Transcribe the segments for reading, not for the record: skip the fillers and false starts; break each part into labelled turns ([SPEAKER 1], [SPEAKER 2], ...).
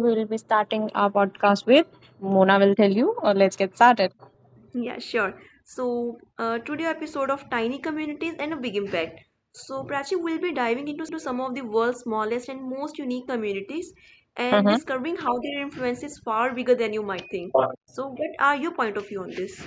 [SPEAKER 1] we will be starting our podcast with Mona will tell you, or let's get started.
[SPEAKER 2] Yeah, sure. So today episode of Tiny Communities and a Big Impact. So Prachi will be diving into some of the world's smallest and most unique communities and
[SPEAKER 1] Mm-hmm.
[SPEAKER 2] discovering how their influence is far bigger than you might think. So what are your point of view on this?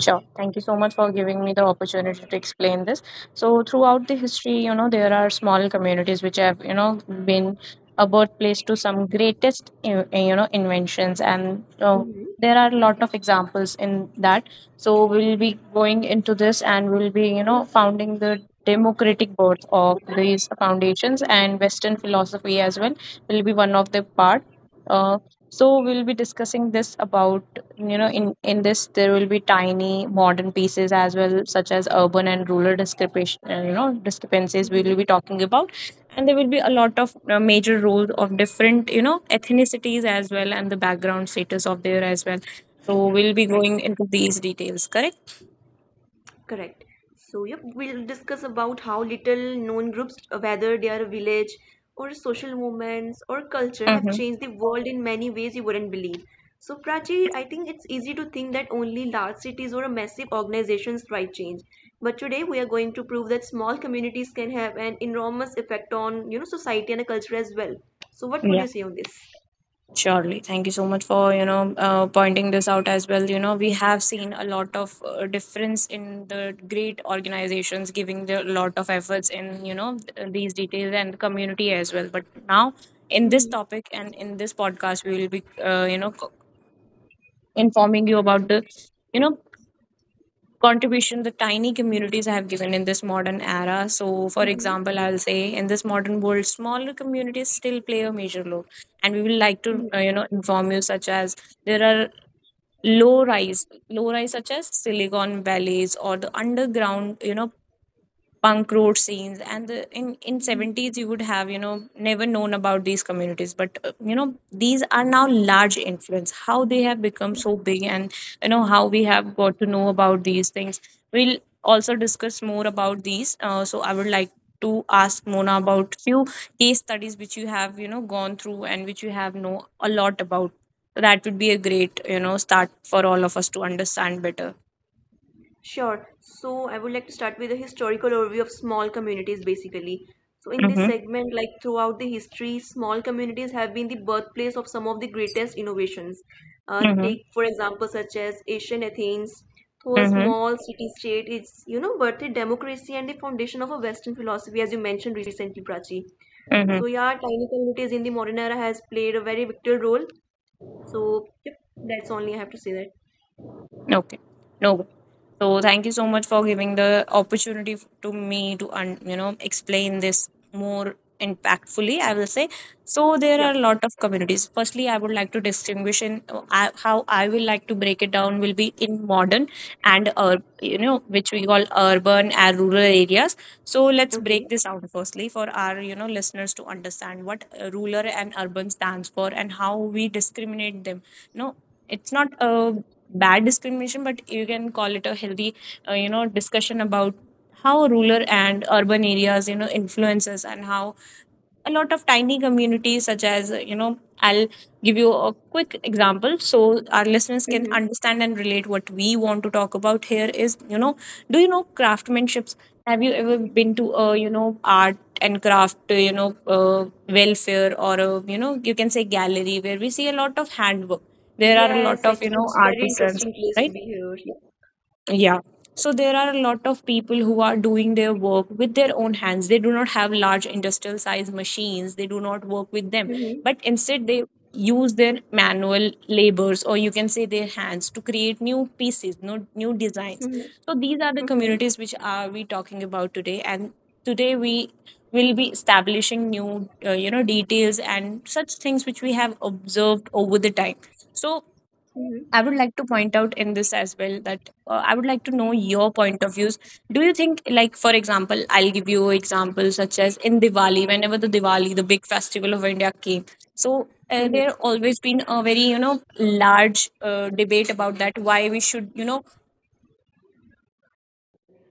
[SPEAKER 1] Sure. Thank you so much for giving me the opportunity to explain this. So, throughout the history, there are small communities which have, been a birthplace to some greatest, inventions, and
[SPEAKER 2] Mm-hmm.
[SPEAKER 1] there are a lot of examples in that. So, we'll be going into this, and we'll be, founding the democratic birth of these foundations, and Western philosophy as well will be one of the part. Uh, so we'll be discussing this about, in this there will be tiny modern pieces as well, such as urban and rural discrepancies we will
[SPEAKER 2] Mm-hmm.
[SPEAKER 1] be talking about, and there will be a lot of major roles of different, ethnicities as well, and the background status of there as well. So we'll be
[SPEAKER 2] Right.
[SPEAKER 1] going into these details. Correct.
[SPEAKER 2] Correct. So, yep, we'll discuss about how little known groups, whether they are a village or social movements or culture, have
[SPEAKER 1] Mm-hmm.
[SPEAKER 2] changed the world in many ways you wouldn't believe. So, Prachi, I think it's easy to think that only large cities or massive organizations drive change. But today we are going to prove that small communities can have an enormous effect on society and a culture as well. So, what would
[SPEAKER 1] Yeah.
[SPEAKER 2] you say on this?
[SPEAKER 1] Surely. Thank you so much for, pointing this out as well. We have seen a lot of difference in the great organizations giving a lot of efforts in, these details and the community as well. But now, in this topic and in this podcast, we will be, informing you about the, you know, contribution the tiny communities have given in this modern era. So, for
[SPEAKER 2] Mm-hmm.
[SPEAKER 1] example, I'll say in this modern world, smaller communities still play a major role. And we will like to, inform you, such as there are low rise such as Silicon Valleys or the underground, punk road scenes. And the, in 70s you would have, never known about these communities, but these are now large influence. How they have become so big, and how we have got to know about these things, we'll also discuss more about these. So I would like to ask Mona about few case studies which you have, gone through and which you have know a lot about. So that would be a great, start for all of us to understand better.
[SPEAKER 2] Sure. So I would like to start with a historical overview of small communities basically. So in
[SPEAKER 1] Mm-hmm,
[SPEAKER 2] this
[SPEAKER 1] mm-hmm,
[SPEAKER 2] segment, like throughout the history, small communities have been the birthplace of some of the greatest innovations.
[SPEAKER 1] mm-hmm.
[SPEAKER 2] Take for example such as ancient Athens, though a
[SPEAKER 1] Mm-hmm.
[SPEAKER 2] small city-state, it's birthed democracy and the foundation of a Western philosophy, as you mentioned recently, Prachi. So yeah, tiny communities in the modern era has played a very vital role. So yep, that's only I have to say that.
[SPEAKER 1] Okay. No way. So thank you so much for giving the opportunity to me to explain this more impactfully, I will say. So there are
[SPEAKER 2] Yeah.
[SPEAKER 1] a lot of communities. Firstly, I would like to distinguish in, how I will like to break it down will be in modern and, which we call urban and rural areas. So let's
[SPEAKER 2] Okay.
[SPEAKER 1] break this out firstly for our, listeners to understand what, rural and urban stands for and how we discriminate them. No, it's not a bad discrimination, but you can call it a healthy, discussion about how rural and urban areas, influences, and how a lot of tiny communities such as, I'll give you a quick example so our listeners can
[SPEAKER 2] Mm-hmm.
[SPEAKER 1] understand and relate what we want to talk about here is, do you know craftsmanships? Have you ever been to a, art and craft, welfare, or a, you can say gallery, where we see a lot of handwork? There are a lot
[SPEAKER 2] Yes,
[SPEAKER 1] of,
[SPEAKER 2] actually, it's a very
[SPEAKER 1] artisans,
[SPEAKER 2] interesting place to
[SPEAKER 1] right?
[SPEAKER 2] be here. Yeah.
[SPEAKER 1] Yeah. So there are a lot of people who are doing their work with their own hands. They do not have large industrial size machines. They do not work with them.
[SPEAKER 2] Mm-hmm.
[SPEAKER 1] But instead, they use their manual labors, or you can say their hands, to create new pieces, new, new designs.
[SPEAKER 2] Mm-hmm.
[SPEAKER 1] So these are the
[SPEAKER 2] Mm-hmm.
[SPEAKER 1] communities which are we talking about today, and today we will be establishing new, details and such things which we have observed over the time. So
[SPEAKER 2] Mm-hmm.
[SPEAKER 1] I would like to point out in this as well, that, I would like to know your point of views. Do you think, like for example, I'll give you examples such as in Diwali, whenever the Diwali, the big festival of India came, so, there
[SPEAKER 2] Mm-hmm.
[SPEAKER 1] always been a very, large, debate about that why we should,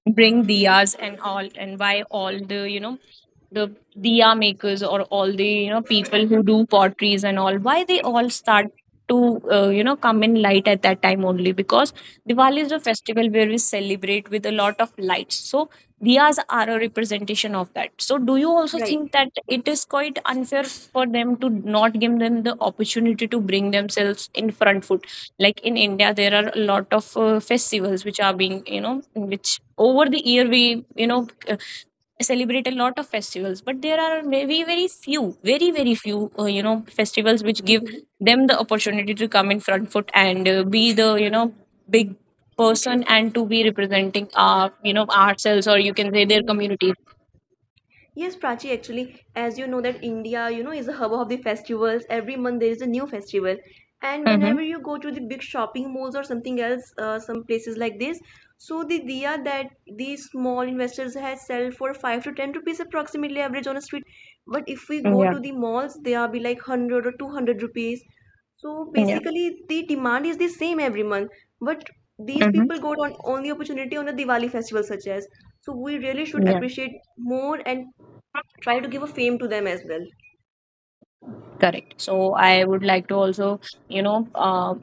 [SPEAKER 1] bring diyas and all, and why all the, the diya makers or all the, people who do potteries and all, why they all start to, come in light at that time only, because Diwali is a festival where we celebrate with a lot of lights. So diyas are a representation of that. So do you also
[SPEAKER 2] Right.
[SPEAKER 1] think that it is quite unfair for them to not give them the opportunity to bring themselves in front foot? Like in India, there are a lot of, festivals which are being, which over the year we, celebrate a lot of festivals. But there are very very few, festivals which give
[SPEAKER 2] Mm-hmm.
[SPEAKER 1] them the opportunity to come in front foot and, be the, big person, and to be representing our, ourselves, or you can say their
[SPEAKER 2] Mm-hmm.
[SPEAKER 1] communities.
[SPEAKER 2] Yes, Prachi, actually, as you know that India is a hub of the festivals. Every month there is a new festival. And
[SPEAKER 1] Mm-hmm.
[SPEAKER 2] whenever you go to the big shopping malls or something else, some places like this, so the diya that these small investors has sell for 5 to 10 rupees approximately average on a street, right? But if we go
[SPEAKER 1] Yeah,
[SPEAKER 2] to the malls, they are be like 100 or 200 rupees. So
[SPEAKER 1] yeah.
[SPEAKER 2] basically, the demand is the same every month, but these people
[SPEAKER 1] Mm-hmm.
[SPEAKER 2] got on only opportunity on the Diwali festival, such as. So we really should
[SPEAKER 1] Yeah.
[SPEAKER 2] appreciate more and try to give a fame to them as well.
[SPEAKER 1] Correct. So I would like to also, you know, uh,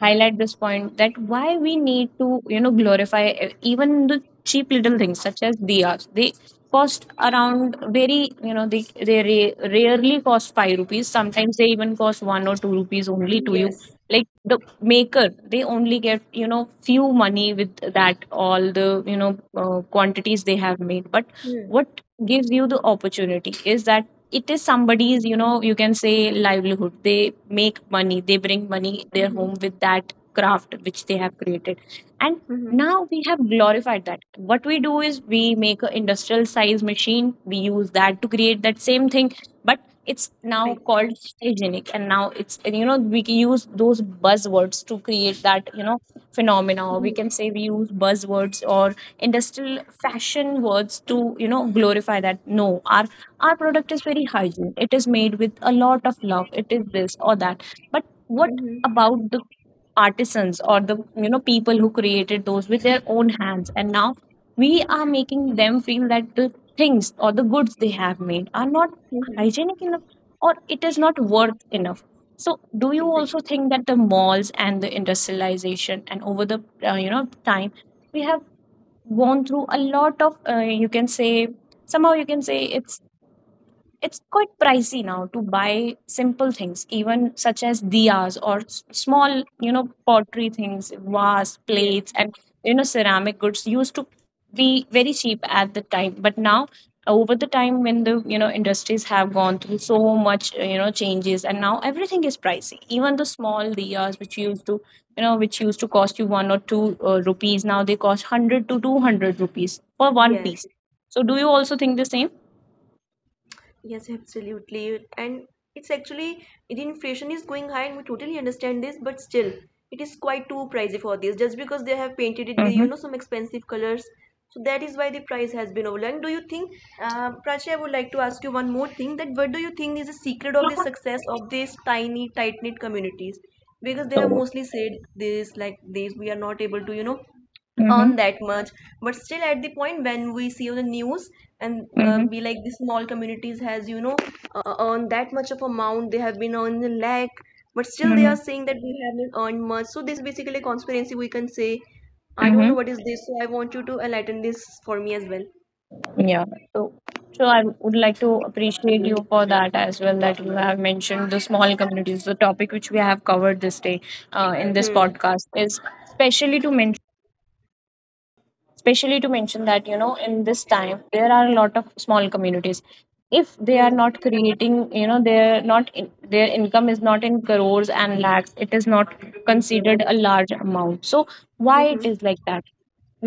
[SPEAKER 1] highlight this point, that why we need to, glorify, even the cheap little things such as diyas. They cost around very, rarely cost 5 rupees. Sometimes they even cost 1 or 2 rupees only to you.
[SPEAKER 2] Yes.
[SPEAKER 1] Like the maker, they only get, few money with that, all the, quantities they have made. But
[SPEAKER 2] Mm-hmm.
[SPEAKER 1] what gives you the opportunity is that it is somebody's, you can say livelihood. They make money, they bring money their home with that craft which they have created. And
[SPEAKER 2] Mm-hmm.
[SPEAKER 1] now we have glorified that. What we do is, we make an industrial size machine, we use that to create that same thing. But it's now
[SPEAKER 2] Right.
[SPEAKER 1] called hygienic, and now it's, we can use those buzzwords to create that, phenomena. Or we can say we use buzzwords or industrial fashion words to, glorify that, no, our our product is very hygienic. It is made with a lot of love, it is this or that. But what
[SPEAKER 2] Mm-hmm.
[SPEAKER 1] about the artisans, or the, people who created those with their own hands? And now we are making them feel that the things or the goods they have made are not
[SPEAKER 2] Mm-hmm.
[SPEAKER 1] hygienic enough, or it is not worth enough. So do you also
[SPEAKER 2] Exactly.
[SPEAKER 1] think that the malls and the industrialization, and over the, time, we have gone through a lot of, you can say somehow, you can say it's quite pricey now to buy simple things, even such as diyas or small, pottery things, vase,
[SPEAKER 2] Yes.
[SPEAKER 1] plates, and, ceramic goods used to be very cheap at the time. But now over the time, when the, industries have gone through so much, changes, and now everything is pricey, even the small diyas which used to, which used to cost you one or two, rupees, now they cost 100 to 200 rupees for one
[SPEAKER 2] Yes.
[SPEAKER 1] piece. So do you also think the same?
[SPEAKER 2] Yes, absolutely. And it's actually the inflation is going high, and we totally understand this, but still, it is quite too pricey for this just because they have painted it with
[SPEAKER 1] Hmm.
[SPEAKER 2] some expensive colors. So that is why the price has been overrun. Do you think, Prachi? I would like to ask you one more thing, that what do you think is the secret of the success of these tiny, tight-knit communities? Because they have
[SPEAKER 1] So,
[SPEAKER 2] mostly said this, like this, we are not able to earn
[SPEAKER 1] mhm,
[SPEAKER 2] that much, but still at the point when we see on the news and
[SPEAKER 1] mhm,
[SPEAKER 2] be like the small communities has earned that much of amount, they have been earning a lakh but still they are
[SPEAKER 1] mhm,
[SPEAKER 2] saying that we haven't earned much. So this is basically a conspiracy, we can say. I don't know
[SPEAKER 1] mhm,
[SPEAKER 2] what is this, so I want you to enlighten this for me as well.
[SPEAKER 1] yeah. So, so I would like to appreciate you for that as well, that you have mentioned the small communities. The topic which we have covered this day, in this
[SPEAKER 2] Hmm.
[SPEAKER 1] podcast is especially to mention. Especially to mention that, in this time there are a lot of small communities. If they are
[SPEAKER 2] Hmm.
[SPEAKER 1] not creating, they're not in, their income is not in crores and lakhs, it is not considered a large amount. So why it
[SPEAKER 2] Mhm.
[SPEAKER 1] is like that?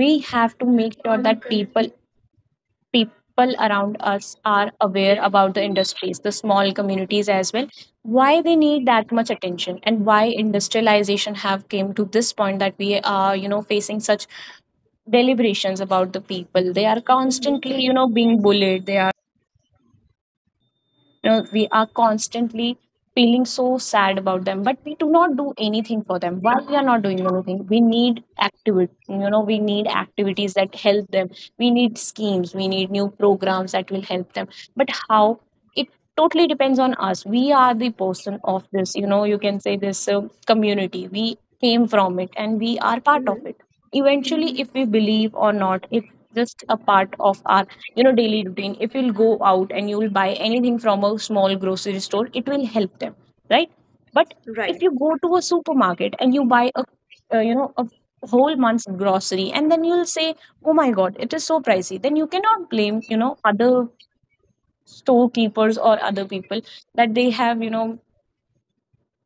[SPEAKER 1] We have to make sure that people around us are aware about the industries, the small communities as well, why they need that much attention, and why industrialization have came to this point that we are, facing such deliberations about the people. They are
[SPEAKER 2] Mhm.
[SPEAKER 1] constantly, being bullied. They are, we are constantly feeling so sad about them, but we do not do anything for them. Why we are not doing anything? We need activity, we need activities that help them. We need schemes, we need new programs that will help them. But how? It totally depends on us. We are the person of this, you can say this community. We came from it and we are part of
[SPEAKER 2] Mhm.
[SPEAKER 1] it. Eventually, if we believe or not, it's just a part of our, daily routine. If you'll go out and you'll buy anything from a small grocery store, it will help them, right? But
[SPEAKER 2] Right.
[SPEAKER 1] if you go to a supermarket and you buy a a whole month's grocery, and then you'll say, oh my god, it is so pricey, then you cannot blame, other storekeepers or other people, that they have,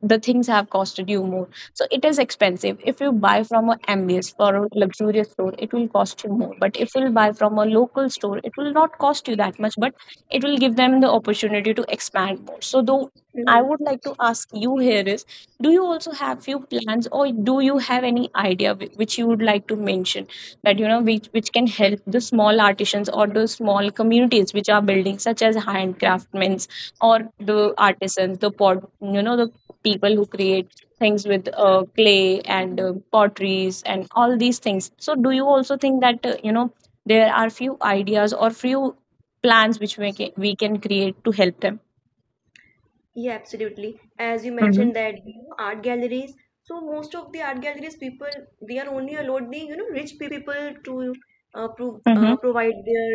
[SPEAKER 1] the things have costed you more. So it is expensive. If you buy from a MBS or a luxurious store, it will cost you more. But if you buy from a local store, it will not cost you that much, but it will give them the opportunity to expand more. So though I would like to ask you here is, do you also have few plans, or do you have any idea which you would like to mention that, which can help the small artisans or the small communities which are building, such as handcraftsmen or the artisans, the pot, the people who create things with clay and potteries and all these things. So do you also think that, there are few ideas or few plans which we can create to help them?
[SPEAKER 2] Yeah, absolutely. As you
[SPEAKER 1] Mm-hmm.
[SPEAKER 2] mentioned that art galleries, so most of the art galleries people, they are only allowed the rich people to prove
[SPEAKER 1] Mm-hmm.
[SPEAKER 2] provide their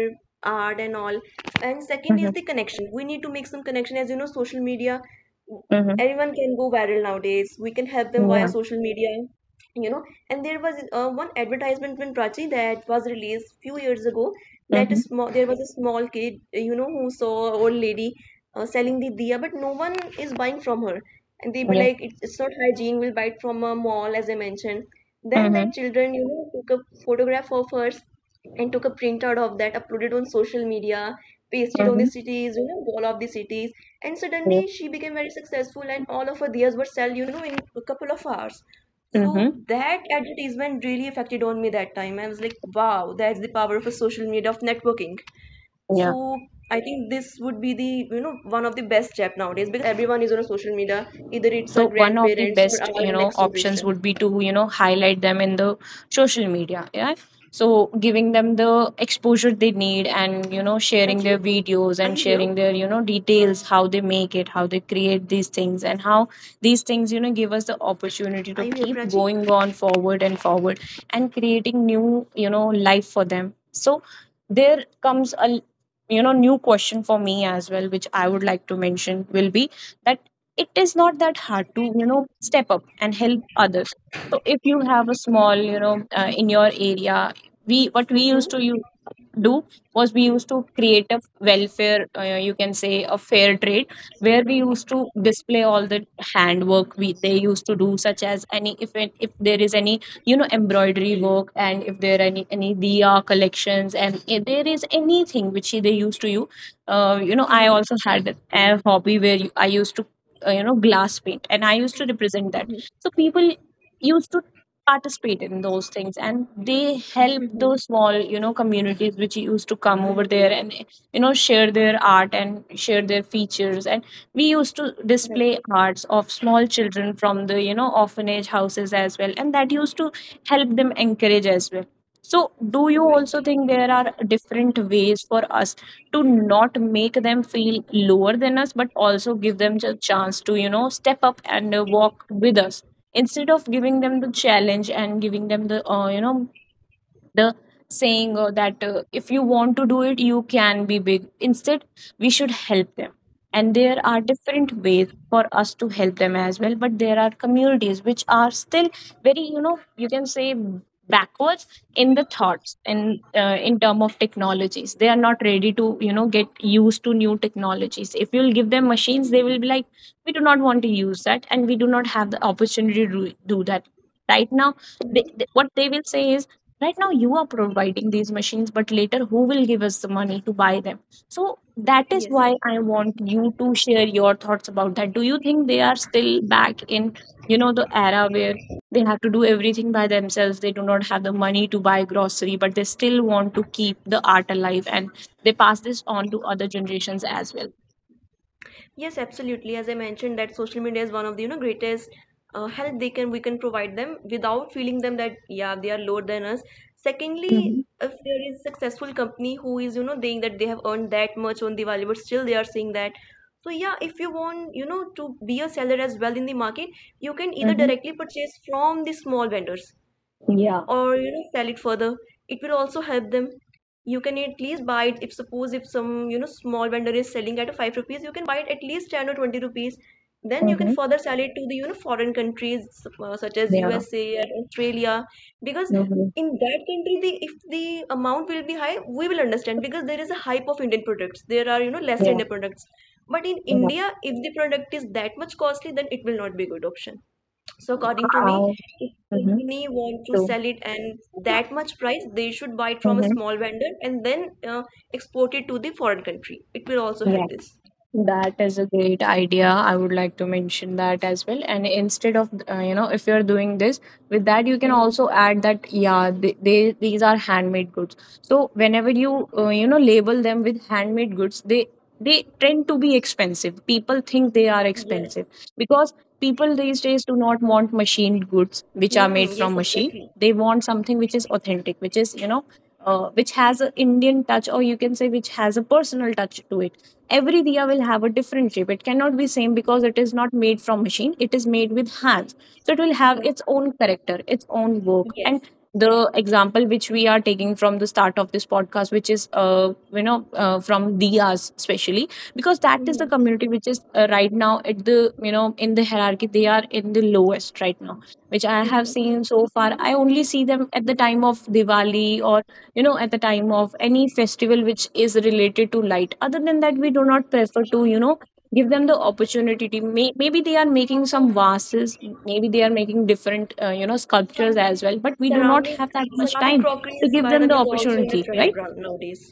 [SPEAKER 2] art and all. And second is
[SPEAKER 1] Mm-hmm.
[SPEAKER 2] the connection. We need to make some connection. As you know, social media,
[SPEAKER 1] Mm-hmm.
[SPEAKER 2] anyone can go viral nowadays. We can help them via
[SPEAKER 1] Yeah.
[SPEAKER 2] social media, you know and there was one advertisement, Prachi, that was released few years ago. That is small
[SPEAKER 1] Mm-hmm.
[SPEAKER 2] There was a small kid, who saw an old lady selling the diya, but no one is buying from her and they be
[SPEAKER 1] Yeah.
[SPEAKER 2] like, it's not hygiene, we'll buy it from a mall, as I mentioned. Then
[SPEAKER 1] Mm-hmm.
[SPEAKER 2] that children, took a photograph of her and took a printout of that, uploaded on social media, pasted on the
[SPEAKER 1] Mm-hmm.
[SPEAKER 2] cities, wall of the cities, and
[SPEAKER 1] Yeah.
[SPEAKER 2] suddenly she became very successful, and all of her diyas were sold, in a couple of hours. So
[SPEAKER 1] Mm-hmm.
[SPEAKER 2] that advertisement really affected on me that time. I was like, wow, that's the power of a social media, of networking.
[SPEAKER 1] Yeah.
[SPEAKER 2] So I think this would be the one of the best step nowadays, because everyone is on a social media, either it's our
[SPEAKER 1] So one of the
[SPEAKER 2] grandparents or
[SPEAKER 1] best,
[SPEAKER 2] our next
[SPEAKER 1] options
[SPEAKER 2] generation.
[SPEAKER 1] would be to, highlight them in the social media. Yeah. So giving them the exposure they need, and, sharing
[SPEAKER 2] Prachi,
[SPEAKER 1] their videos
[SPEAKER 2] are
[SPEAKER 1] and
[SPEAKER 2] you here?
[SPEAKER 1] sharing their, details, how they make it, how they create these things, and how these things, give us the opportunity
[SPEAKER 2] Are
[SPEAKER 1] to
[SPEAKER 2] you here,
[SPEAKER 1] keep
[SPEAKER 2] Prachi?
[SPEAKER 1] going on forward and forward, and creating new, life for them. So there comes a, new question for me as well, which I would like to mention, will be that it is not that hard to, step up and help others. So if you have a small, in your area, we — what we
[SPEAKER 2] Mm-hmm.
[SPEAKER 1] used to use do was, we used to create a welfare, you can say a fair trade, where we used to display all the handwork we they used to do, such as any, if there is any, embroidery work, and if there are any diya collections, and if there is anything which they used to I
[SPEAKER 2] Mm-hmm.
[SPEAKER 1] also had a hobby where I used to, glass paint, and I used to represent that.
[SPEAKER 2] Mm-hmm.
[SPEAKER 1] So people used to participate in those things, and they help
[SPEAKER 2] Mm-hmm.
[SPEAKER 1] those small, communities which used to come over there and, share their art and share their features. And we used to
[SPEAKER 2] Right.
[SPEAKER 1] display arts of small children from the, orphanage houses as well, and that used to help them encourage as well. So do you
[SPEAKER 2] Right.
[SPEAKER 1] also think there are different ways for us to not make them feel lower than us, but also give them a chance to, step up and, walk with us, instead of giving them the challenge and giving them the, the saying, that, if you want to do it, you can be big? Instead, we should help them. And there are different ways for us to help them as well. But there are communities which are still very, you can say backwards in the thoughts, and, in term of technologies, they are not ready to, get used to new technologies. If you'll give them machines, they will be like, we do not want to use that, and we do not have the opportunity to do that right now. What they will say is, right now you are providing these machines, but later who will give us the money to buy them? So that is
[SPEAKER 2] Yes.
[SPEAKER 1] why I want you to share your thoughts about that. Do you think they are still back in, the era, where they have to do everything by themselves? They do not have the money to buy grocery, but they still want to keep the art alive, and they pass this on to other generations as well.
[SPEAKER 2] Yes, absolutely. As I mentioned, that social media is one of the greatest help they can we can provide them, without feeling them that yeah, they are lower than us.
[SPEAKER 1] Mm-hmm.
[SPEAKER 2] Secondly, if there is successful company who is saying that they have earned that much on Diwali, but still they are saying that. So yeah, if you want to be a seller as well in the market, you can either
[SPEAKER 1] Mm-hmm.
[SPEAKER 2] directly purchase from the small vendors
[SPEAKER 1] Yeah.
[SPEAKER 2] or sell it further. It will also help them. You can at least buy it. If suppose if some small vendor is selling at a 5 rupees, you can buy it at least 10 or 20 rupees, then you can
[SPEAKER 1] Mm-hmm.
[SPEAKER 2] further sell it to the foreign countries, such as
[SPEAKER 1] Yeah.
[SPEAKER 2] USA and Australia. Because
[SPEAKER 1] Mm-hmm.
[SPEAKER 2] in that country, the, if the amount will be high, we will understand, because there is a hype of Indian products, there are lesser
[SPEAKER 1] Yeah,
[SPEAKER 2] Indian products. But in
[SPEAKER 1] yeah.
[SPEAKER 2] India, if the product is that much costly, then it will not be a good option. So according to me,
[SPEAKER 1] I,
[SPEAKER 2] if
[SPEAKER 1] mm-hmm.
[SPEAKER 2] company want to
[SPEAKER 1] So,
[SPEAKER 2] sell it and that much price, they should buy it from a
[SPEAKER 1] mm-hmm.
[SPEAKER 2] small vendor and then export it to the foreign country. It will also help this.
[SPEAKER 1] That is a great idea. I would like to mention that as well. And instead of, if you're doing this with that, you can
[SPEAKER 2] Mhm.
[SPEAKER 1] also add that, yeah, they these are handmade goods. So whenever you, label them with handmade goods, they tend to be expensive. People think they are
[SPEAKER 2] Yes.
[SPEAKER 1] expensive because people these days do not want machined goods which are made
[SPEAKER 2] Mm, yes,
[SPEAKER 1] from machine.
[SPEAKER 2] exactly.
[SPEAKER 1] They want something which is authentic, which is, which has an Indian touch, or you can say, which has a personal touch to it. Every diya will have a different shape. It cannot be same, because
[SPEAKER 2] Mm.
[SPEAKER 1] it is not made from machine, it is made with hands. So it will have
[SPEAKER 2] For-
[SPEAKER 1] its own character, its own work.
[SPEAKER 2] yes.
[SPEAKER 1] And the example which we are taking from the start of this podcast, which is, from diyas especially, because that is the
[SPEAKER 2] Hmm.
[SPEAKER 1] community which is, right now at the, in the hierarchy, they are in the lowest right now, which I have
[SPEAKER 2] Hmm.
[SPEAKER 1] seen so far. I only see them at the time of Diwali, or, at the time of any festival which is related to light. Other than that, we do not prefer to, give them the opportunity to, maybe they are making some vases, maybe they are making different, sculptures as well, but we do not
[SPEAKER 2] ceramic
[SPEAKER 1] have that much
[SPEAKER 2] ceramic
[SPEAKER 1] time
[SPEAKER 2] crockery
[SPEAKER 1] to
[SPEAKER 2] is,
[SPEAKER 1] give
[SPEAKER 2] by the
[SPEAKER 1] them the
[SPEAKER 2] way, is also in
[SPEAKER 1] opportunity,
[SPEAKER 2] a trend
[SPEAKER 1] right?
[SPEAKER 2] right nowadays.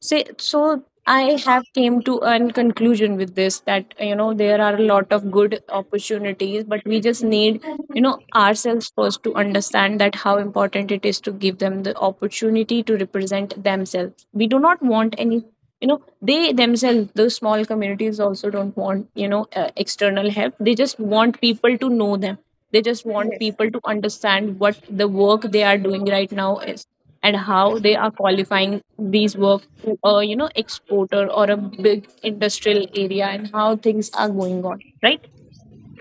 [SPEAKER 1] Say, so I have came to an conclusion with this that, there are a lot of good opportunities, but we just
[SPEAKER 2] Mhm.
[SPEAKER 1] need, ourselves first, to understand that how important it is to give them the opportunity to represent themselves. We do not want any, they themselves, those small communities also don't want, external help. They just want people to know them. They just want
[SPEAKER 2] Yes,
[SPEAKER 1] people to understand what the work they are doing right now is, and how they are qualifying these work to a, exporter or a big industrial area, and how things are going on, right?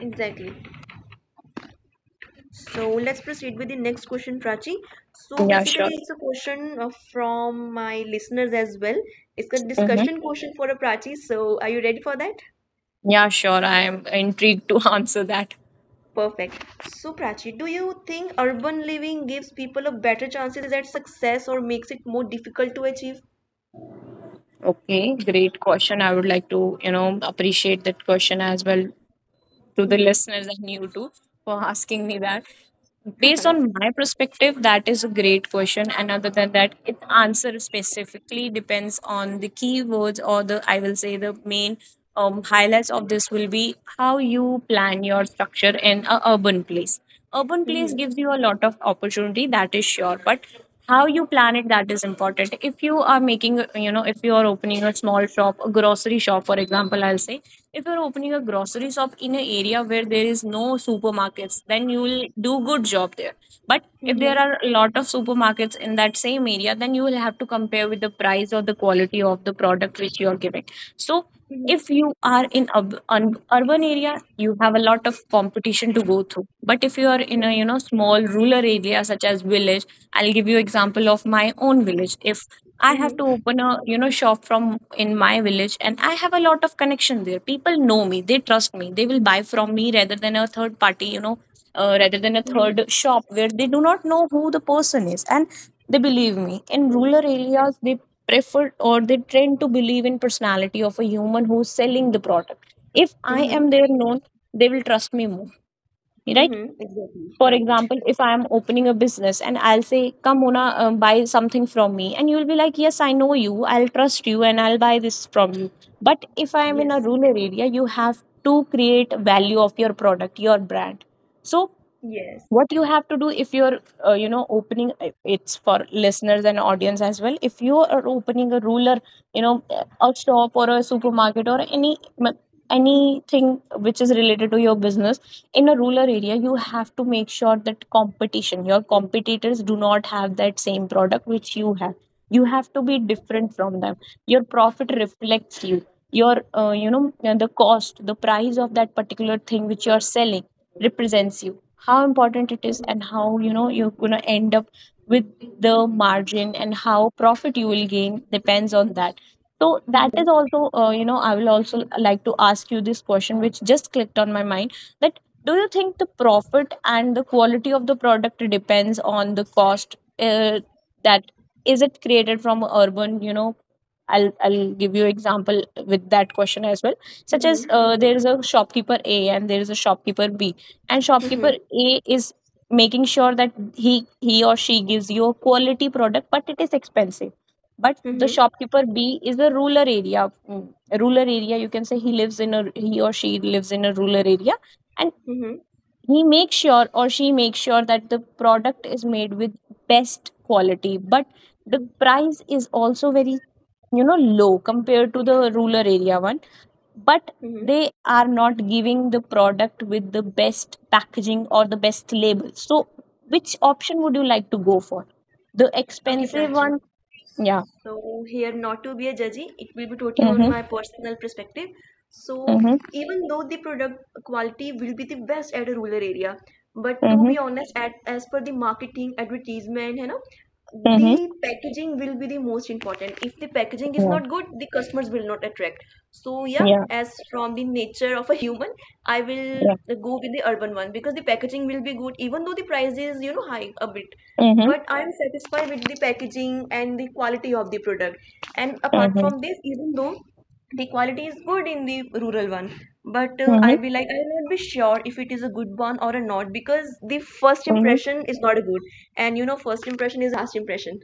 [SPEAKER 2] exactly. So let's proceed with the next question, Prachi. So
[SPEAKER 1] Yeah,
[SPEAKER 2] basically,
[SPEAKER 1] sure.
[SPEAKER 2] it's a question from my listeners as well. It's a
[SPEAKER 1] Hmm.
[SPEAKER 2] discussion question for a Prachi. So are you ready for that?
[SPEAKER 1] Yeah, sure. I am intrigued to answer that.
[SPEAKER 2] Perfect. So Prachi, do you think urban living gives people a better chances at success or makes it more difficult to achieve?
[SPEAKER 1] Okay, great question. I would like to, appreciate that question as well, to the
[SPEAKER 2] Mm-hmm.
[SPEAKER 1] listeners and you too, for asking me that. Based on my perspective, that is a great question. And other than that, its answer specifically depends on the keywords, or the, I will say, the main highlights of this will be how you plan your structure in a urban place. Urban place
[SPEAKER 2] Mm-hmm.
[SPEAKER 1] gives you a lot of opportunity, that is sure. But how you plan it, that is important. If you are making, if you are opening a small shop, a grocery shop, for example, I'll say, if you're opening a grocery shop in an area where there is no supermarkets, then you will do good job there. But if there
[SPEAKER 2] Mm-hmm.
[SPEAKER 1] are a lot of supermarkets in that same area, then you will have to compare with the price or the quality of the product which you are giving. So
[SPEAKER 2] Mm-hmm.
[SPEAKER 1] if you are in a an urban area, you have a lot of competition to go through. But if you are in a, small rural area such as village, I'll give you example of my own village. If I have to
[SPEAKER 2] Mm-hmm.
[SPEAKER 1] open a, shop from in my village, and I have a lot of connection there, people know me, they trust me, they will buy from me rather than a third party, rather than a third shop where they do not know who the person is, and they believe me. In
[SPEAKER 2] Mm-hmm.
[SPEAKER 1] rural areas, they prefer, or they tend to believe in personality of a human who's selling the product. If I
[SPEAKER 2] Mm-hmm.
[SPEAKER 1] am there known, they will trust me more, right?
[SPEAKER 2] Mm-hmm. Exactly.
[SPEAKER 1] For
[SPEAKER 2] Right.
[SPEAKER 1] example, if I am opening a business and I'll say, "Come Mona, buy something from me," and you'll be like, "Yes, I know you, I'll trust you, and I'll buy this from you." But if I am in a
[SPEAKER 2] Yes.
[SPEAKER 1] rural area, you have to create value of your product, your brand. So
[SPEAKER 2] Yes.
[SPEAKER 1] what you have to do, if you're opening, it's for listeners and audience as well, if you are opening a ruler, you know, a shop or a supermarket or anything which is related to your business in a rural area, you have to make sure that competition, your competitors, do not have that same product which you have. You have to be different from them. Your profit reflects you, your the cost, the price of that particular thing which you are selling represents you, how important it is
[SPEAKER 2] Mm-hmm.
[SPEAKER 1] and how, you know, you're going to end up with the margin and how profit you will gain depends on that. So that
[SPEAKER 2] Mm-hmm.
[SPEAKER 1] is also I will also like to ask you this question which just clicked on my mind, that do you think the profit and the quality of the product depends on the cost, that is, it created from urban, you know, I'll, give you example with that question as well, such as,
[SPEAKER 2] Mm-hmm.
[SPEAKER 1] there is a shopkeeper A and there is a shopkeeper B, and
[SPEAKER 2] Mm-hmm.
[SPEAKER 1] shopkeeper A is making sure that he or she gives you a quality product but it is expensive. But the
[SPEAKER 2] Mm-hmm.
[SPEAKER 1] shopkeeper B is a rural area, a rural area, you can say, he lives in a, he or she lives in a rural area, and
[SPEAKER 2] Mm-hmm.
[SPEAKER 1] he makes sure or she makes sure that the product is made with best quality but the price is also very, you know, low compared to the rural area one, but
[SPEAKER 2] Mm-hmm.
[SPEAKER 1] they are not giving the product with the best packaging or the best label. So which option would you like to go for? The
[SPEAKER 2] Okay,
[SPEAKER 1] expensive
[SPEAKER 2] Prachi.
[SPEAKER 1] one? Yeah.
[SPEAKER 2] So here, not to be a judgy, it will be totally on
[SPEAKER 1] Mhm.
[SPEAKER 2] my personal perspective. So
[SPEAKER 1] Mhm.
[SPEAKER 2] even though the product quality will be the best at a rural area, but to
[SPEAKER 1] Mhm.
[SPEAKER 2] be honest, as per the marketing, advertisement,
[SPEAKER 1] Mhm.
[SPEAKER 2] the packaging will be the most important. If the packaging is
[SPEAKER 1] Yeah,
[SPEAKER 2] not good, the customers will not attract. So yeah,
[SPEAKER 1] yeah,
[SPEAKER 2] as from the nature of a human, I will
[SPEAKER 1] yeah.
[SPEAKER 2] go with the urban one, because the packaging will be good, even though the price is high a bit,
[SPEAKER 1] Mhm.
[SPEAKER 2] but I am satisfied with the packaging and the quality of the product. And apart
[SPEAKER 1] Mhm.
[SPEAKER 2] from this, even though the quality is good in the rural one, but I be like, I'll not be sure if it is a good one or a not, because the first
[SPEAKER 1] Mhm.
[SPEAKER 2] impression is not a good, and first impression is the last impression.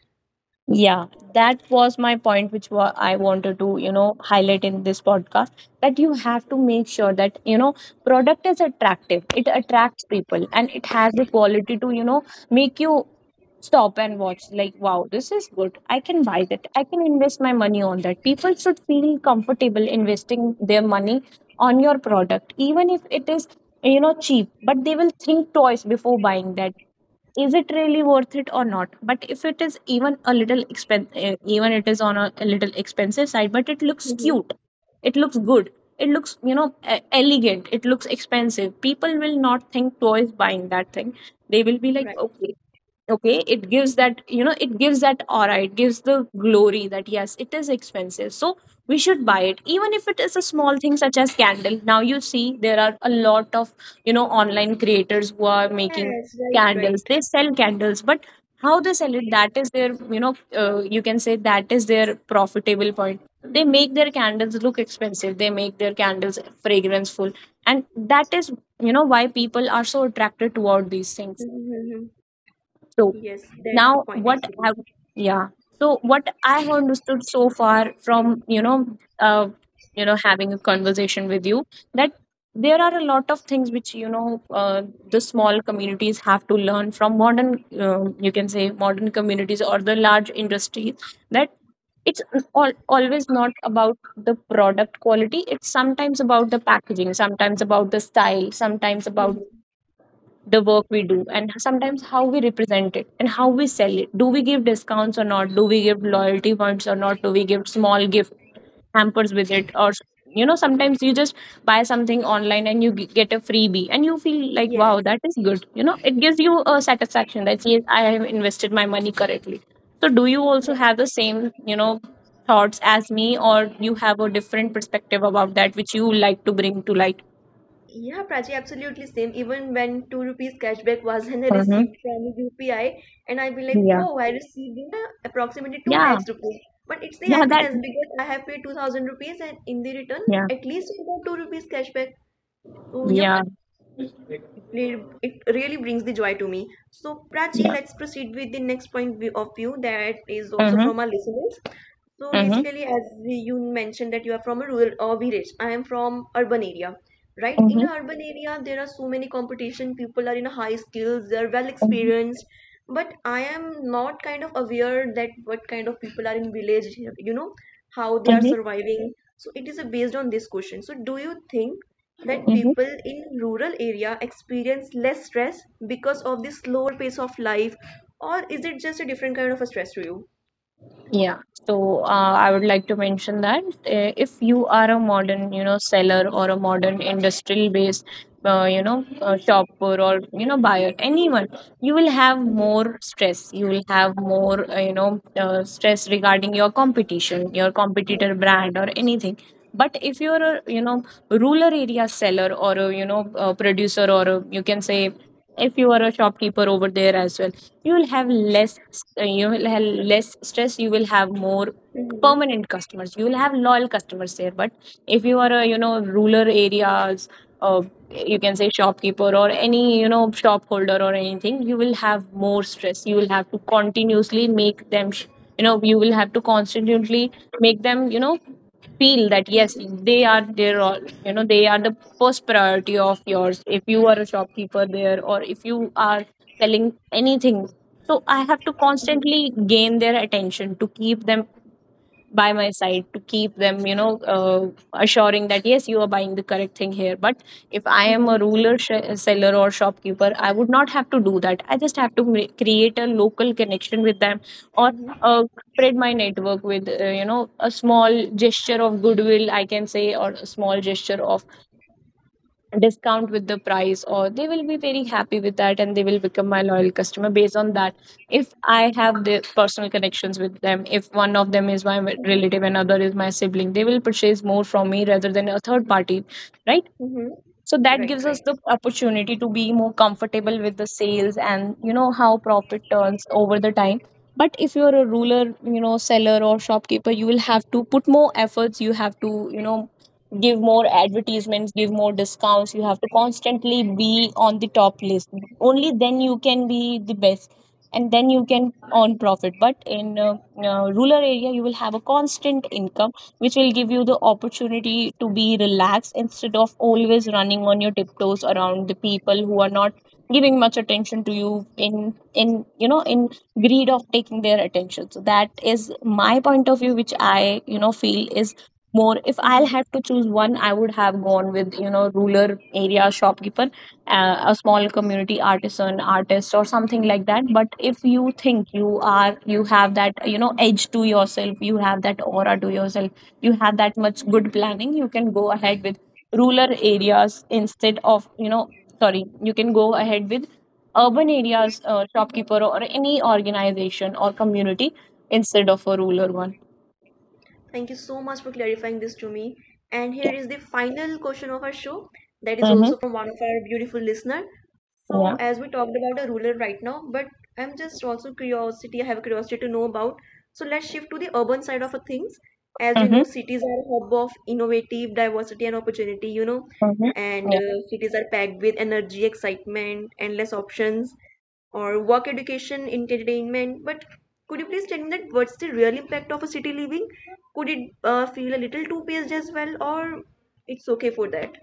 [SPEAKER 1] Yeah, that was my point, which I wanted to, you know, highlight in this podcast, that you have to make sure that, you know, product is attractive. It attracts people and it has the quality to, you know, make you stop and watch like, "Wow, this is good. I can buy that. I can invest my money on that." People should feel comfortable investing their money on your product, even if it is, you know, cheap, but they will think twice before buying that, is it really worth it or not. But if it is even a little even it is on a little expensive side, but it looks
[SPEAKER 2] Hmm.
[SPEAKER 1] cute, it looks good, it looks, you know, elegant, it looks expensive, people will not think twice buying that thing. They will be like,
[SPEAKER 2] Right.
[SPEAKER 1] "Okay, okay," it gives that, you know, it gives that aura, it gives the glory that yes, it is expensive, so we should buy it, even if it is a small thing such as candle. Now you see there are a lot of, you know, online creators who are making
[SPEAKER 2] Yes. Right.
[SPEAKER 1] candles.
[SPEAKER 2] Right.
[SPEAKER 1] They sell candles, but how they sell it, that is their, you know, you can say, that is their profitable point. They make their candles look expensive, they make their candles fragranceful, and that is, you know, why people are so attracted toward these things.
[SPEAKER 2] Mhm, mhm, mhm.
[SPEAKER 1] So
[SPEAKER 2] Yes, that's the
[SPEAKER 1] now
[SPEAKER 2] point,
[SPEAKER 1] what
[SPEAKER 2] actually.
[SPEAKER 1] I yeah, so what I have understood so far from, you know, uh, having a conversation with you, that there are a lot of things which, you know, the small communities have to learn from modern, you can say, modern communities or the large industries, that it's all, always not about the product quality, it's sometimes about the packaging, sometimes about the style, sometimes about
[SPEAKER 2] Mhm.
[SPEAKER 1] the work we do, and sometimes how we represent it and how we sell it. Do we give discounts or not? Do we give loyalty points or not? Do we give small gift hampers with it? Or, you know, sometimes you just buy something online and you get a freebie and you feel like, "Wow,
[SPEAKER 2] Yes.
[SPEAKER 1] that is good." You know, it gives you a satisfaction that yes, I have invested my money correctly. So do you also have the same, you know, thoughts as me, or you have a different perspective about that which you like to bring to light?
[SPEAKER 2] Yeah, Prachi, absolutely same. Even when 2 rupees cashback was and I
[SPEAKER 1] Mm-hmm.
[SPEAKER 2] received from UPI, and I'd be like,
[SPEAKER 1] Yeah,
[SPEAKER 2] whoa, I received approximately two
[SPEAKER 1] yeah,
[SPEAKER 2] lakhs rupees. But it's the
[SPEAKER 1] yeah, that.
[SPEAKER 2] happiness, because I have paid 2,000 rupees, and in the return,
[SPEAKER 1] Yeah.
[SPEAKER 2] at least you got 2 rupees cashback. So yep,
[SPEAKER 1] Yeah.
[SPEAKER 2] it really brings the joy to me. So, Prachi,
[SPEAKER 1] Yeah.
[SPEAKER 2] let's proceed with the next point of view, that is also
[SPEAKER 1] Mm-hmm.
[SPEAKER 2] from our listeners. So,
[SPEAKER 1] Mm-hmm.
[SPEAKER 2] basically, as you mentioned that you are from a rural or village, I am from urban area, right? In
[SPEAKER 1] Mm-hmm.
[SPEAKER 2] an urban area, there are so many competition. People are in a high skills, they are well
[SPEAKER 1] Mm-hmm.
[SPEAKER 2] experienced, but I am not kind of aware that what kind of people are in village, how they are
[SPEAKER 1] Mm-hmm.
[SPEAKER 2] surviving. So, it is based on this question. So, do you think that
[SPEAKER 1] Mm-hmm.
[SPEAKER 2] people in rural area experience less stress because of the slower pace of life, or is it just a different kind of a stress to you?
[SPEAKER 1] Yeah. So I would like to mention that if you are a modern, you know, seller or a modern industrial based, shopper or, you know, buyer, anyone, you will have more stress. You will have more, stress regarding your competition, your competitor
[SPEAKER 2] Yes.
[SPEAKER 1] brand or anything. But if you're a, you know, rural area seller or a, you know, a producer or a, you can say, if you are a shopkeeper over there as well, you will have less, you will have less stress, you will have more
[SPEAKER 2] Mm-hmm.
[SPEAKER 1] permanent customers, you will have loyal customers there. But if you are a, you know, rural areas, uh, you can say, shopkeeper or any, you know, shop holder or anything, you will have more stress. You will have to continuously make them you know, you will have to constantly make them, you know, feel that yes, they are there all, you know, they are the first priority of yours. If you are a shopkeeper there, or if you are selling anything, so I have to
[SPEAKER 2] Mm-hmm.
[SPEAKER 1] constantly gain their attention, to keep them by my side, to keep them, you know, assuring that yes, you are buying the correct thing here. But if I am a
[SPEAKER 2] Mm-hmm.
[SPEAKER 1] ruler seller or shopkeeper, I would not have to do that. I just have to create a local connection with them, or
[SPEAKER 2] Mm-hmm.
[SPEAKER 1] uh, spread my network with, you know, a small gesture of goodwill, I can say, or a small gesture of discount with the price, or they will be very happy with that, and they will become my loyal customer based on that. If I have the personal connections with them, if one of them is my relative, another is my sibling, they will purchase more from me rather than a third party, right?
[SPEAKER 2] Mm-hmm.
[SPEAKER 1] So that
[SPEAKER 2] Right.
[SPEAKER 1] gives us
[SPEAKER 2] Right.
[SPEAKER 1] the opportunity to be more comfortable with the sales, and you know, how profit turns over the time. But if you're a ruler, you know, seller or shopkeeper, you will have to put more efforts. You have to, you know, give more advertisements, give more discounts. You have to constantly be on the top list, only then you can be the best and then you can earn profit. But in, rural area, you will have a constant income which will give you the opportunity to be relaxed instead of always running on your tiptoes around the people who are not giving much attention to you, in you know, in greed of taking their attention. So that is my point of view, which I, you know, feel is more, if I'll have to choose one, I would have gone with, you know, rural area shopkeeper, a small community artisan, artist, or something like that. But if you think you are, you have that, you know, edge to yourself, you have that aura to yourself, you have that much good planning, you can go ahead with rural areas instead of, you know, sorry, you can go ahead with urban areas, shopkeeper or any organization or community instead of a rural one.
[SPEAKER 2] Thank you so much for clarifying this to me. And here
[SPEAKER 1] Yeah.
[SPEAKER 2] is the final question of our show, that is
[SPEAKER 1] Mm-hmm.
[SPEAKER 2] also from one of our beautiful listener. So
[SPEAKER 1] Yeah.
[SPEAKER 2] as we talked about a ruler right now, but I'm just also curiosity, I have a curiosity to know about. So let's shift to the urban side of a things. As you
[SPEAKER 1] Mm-hmm.
[SPEAKER 2] know, cities are a hub of innovative diversity and opportunity,
[SPEAKER 1] Mm-hmm.
[SPEAKER 2] and cities are packed with energy, excitement, endless options or work education, entertainment. But could you please tell me that what's the real impact of a city living? Could it feel a little too paced as well, or it's okay for that?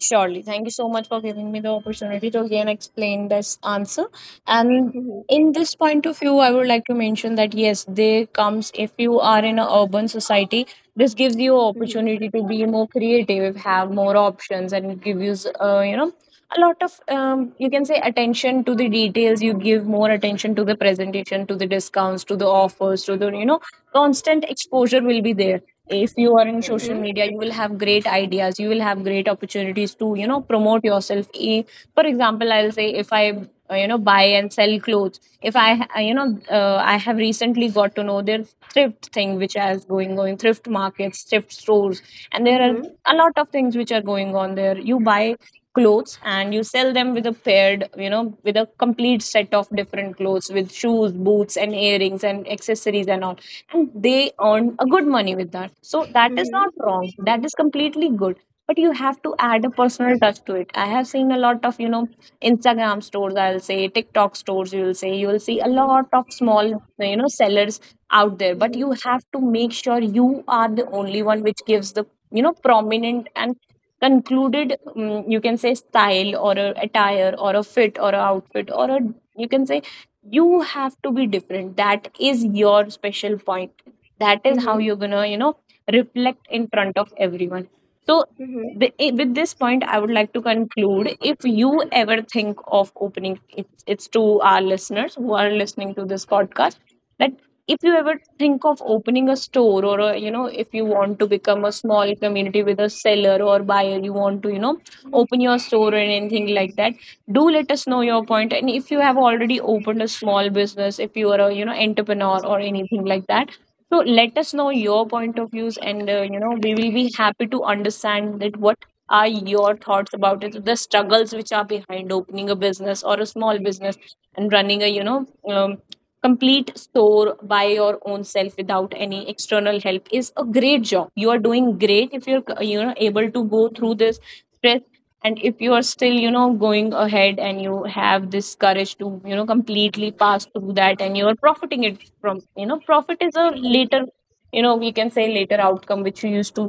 [SPEAKER 1] Surely. Thank you so much for giving me the opportunity to again explain this answer. And
[SPEAKER 2] Mhm.
[SPEAKER 1] in this point of view, I would like to mention that yes, there comes, if you are in an urban society, this gives you
[SPEAKER 2] Mhm.
[SPEAKER 1] opportunity to be more creative, have more options, and give you you know a lot of you can say, attention to the details. You give more attention to the presentation, to the discounts, to the offers, to the, you know, constant exposure will be there. If you are in social
[SPEAKER 2] Mhm.
[SPEAKER 1] media, you will have great ideas, you will have great opportunities to, you know, promote yourself. For example, I'll say if I, buy and sell clothes, if I I have recently got to know their thrift thing which is going, thrift markets, thrift stores, and there are
[SPEAKER 2] Mhm.
[SPEAKER 1] a lot of things which are going on there. You buy clothes and you sell them with a paired, you know, with a complete set of different clothes, with shoes, boots, and earrings, and accessories and all, and they earn a good money with that. So that is not
[SPEAKER 2] Mhm.
[SPEAKER 1] wrong, that is completely good, but you have to add a personal touch to it. I have seen a lot of, you know, Instagram stores, I'll say, TikTok stores, you will say, you will see a
[SPEAKER 2] Mhm.
[SPEAKER 1] lot of small, you know, sellers out there, but
[SPEAKER 2] Mhm.
[SPEAKER 1] you have to make sure you are the only one which gives the, you know, prominent and concluded, you can say, style or a attire or a fit or a outfit, or a, you can say, you have to be different, that is your special point, that is how
[SPEAKER 2] Mhm.
[SPEAKER 1] you're gonna, you know, reflect in front of everyone. So
[SPEAKER 2] Mhm.
[SPEAKER 1] with this point I would like to conclude, if you ever think of opening, it's to our listeners who are listening to this podcast, that if you ever think of opening a store or a, you know, if you want to become a small community with a seller or buyer, you want to, you know, open your store or anything like that, do let us know your point. And if you have already opened a small business, if you are a, you know, entrepreneur or anything like that, so let us know your point of views, and we will be happy to understand that what are your thoughts about it, the struggles which are behind opening a business or a small business, and running a, you know, um, complete store by your own self without any external help is a great job. You are doing great if you're able to go through this stress, and if you are still, you know, going ahead and you have this courage to, you know, completely pass through that, and you are profiting it from, you know, profit is a
[SPEAKER 2] Mhm.
[SPEAKER 1] later, you know, we can say, later outcome which you used to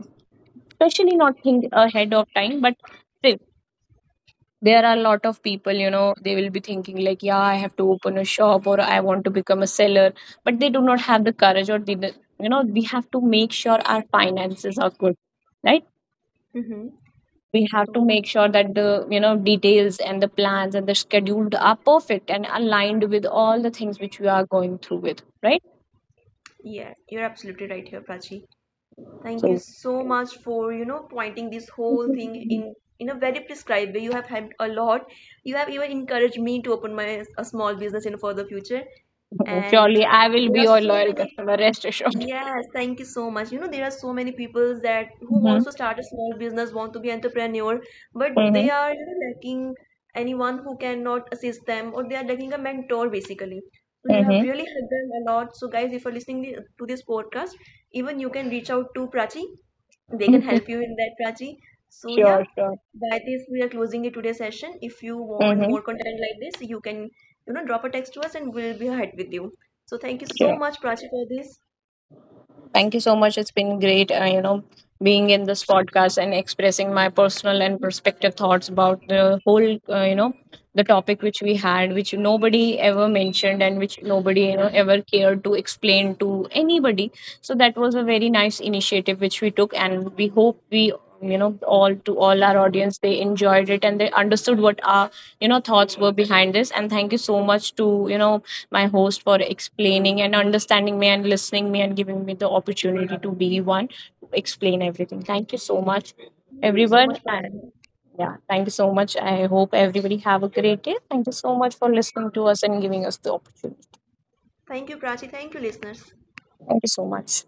[SPEAKER 1] especially not think ahead of time. But still there are a lot of people, you know, they will be thinking like, "Yeah, I have to open a shop or I want to become a seller," but they do not have the courage, or they, you know, we have to make sure our finances are good, right?
[SPEAKER 2] Mhm.
[SPEAKER 1] We have to
[SPEAKER 2] So
[SPEAKER 1] make sure that the, you know, details and the plans and the schedule are perfect and aligned with all the things which we are going through with, right?
[SPEAKER 2] yeah, you're absolutely right here, Prachi. Thank you
[SPEAKER 1] So
[SPEAKER 2] so much for pointing this whole thing in in a very prescribed way. You have helped a lot. You have even encouraged me to open my a small business in for the future. And
[SPEAKER 1] surely I will be
[SPEAKER 2] there are
[SPEAKER 1] your
[SPEAKER 2] so
[SPEAKER 1] loyal
[SPEAKER 2] many,
[SPEAKER 1] customer, rest assured.
[SPEAKER 2] yes, thank you so much. You know, there are so many people that who
[SPEAKER 1] Mm-hmm.
[SPEAKER 2] wants to start a small business, want to be entrepreneur, but they
[SPEAKER 1] Mm-hmm.
[SPEAKER 2] are lacking anyone who cannot assist them, or they are lacking a mentor basically. So you have really helped them a lot. So guys, if you're listening to this podcast, even you can reach out to Prachi. They can
[SPEAKER 1] Mm-hmm.
[SPEAKER 2] help you in that, Prachi. So yeah,
[SPEAKER 1] Sure, sure.
[SPEAKER 2] by this we are closing the today's session. If you want
[SPEAKER 1] Mm-hmm.
[SPEAKER 2] more content like this, you can drop a text to us and we'll be ahead with you. So thank you so
[SPEAKER 1] Sure.
[SPEAKER 2] much, Prachi, for this.
[SPEAKER 1] Thank you so much. It's been great, you know, being in this podcast and expressing my personal and perspective thoughts about the whole, you know, the topic which we had, which nobody ever mentioned and which nobody, you know, ever cared to explain to anybody. So that was a very nice initiative which we took, and we hope we, you know, all to all our audience, they enjoyed it and they understood what our, you know, thoughts were behind this. And thank you so much to, you know, my host for explaining and understanding me and listening me and giving me the opportunity to be one to explain everything. Thank you so much,
[SPEAKER 2] Thank you so
[SPEAKER 1] everyone.
[SPEAKER 2] much,
[SPEAKER 1] And
[SPEAKER 2] Prachi.
[SPEAKER 1] yeah, thank you so much. I hope everybody have a great day. Thank you so much for listening to us and giving us the opportunity.
[SPEAKER 2] Thank you, Prachi. Thank you, listeners.
[SPEAKER 1] Thank you so much.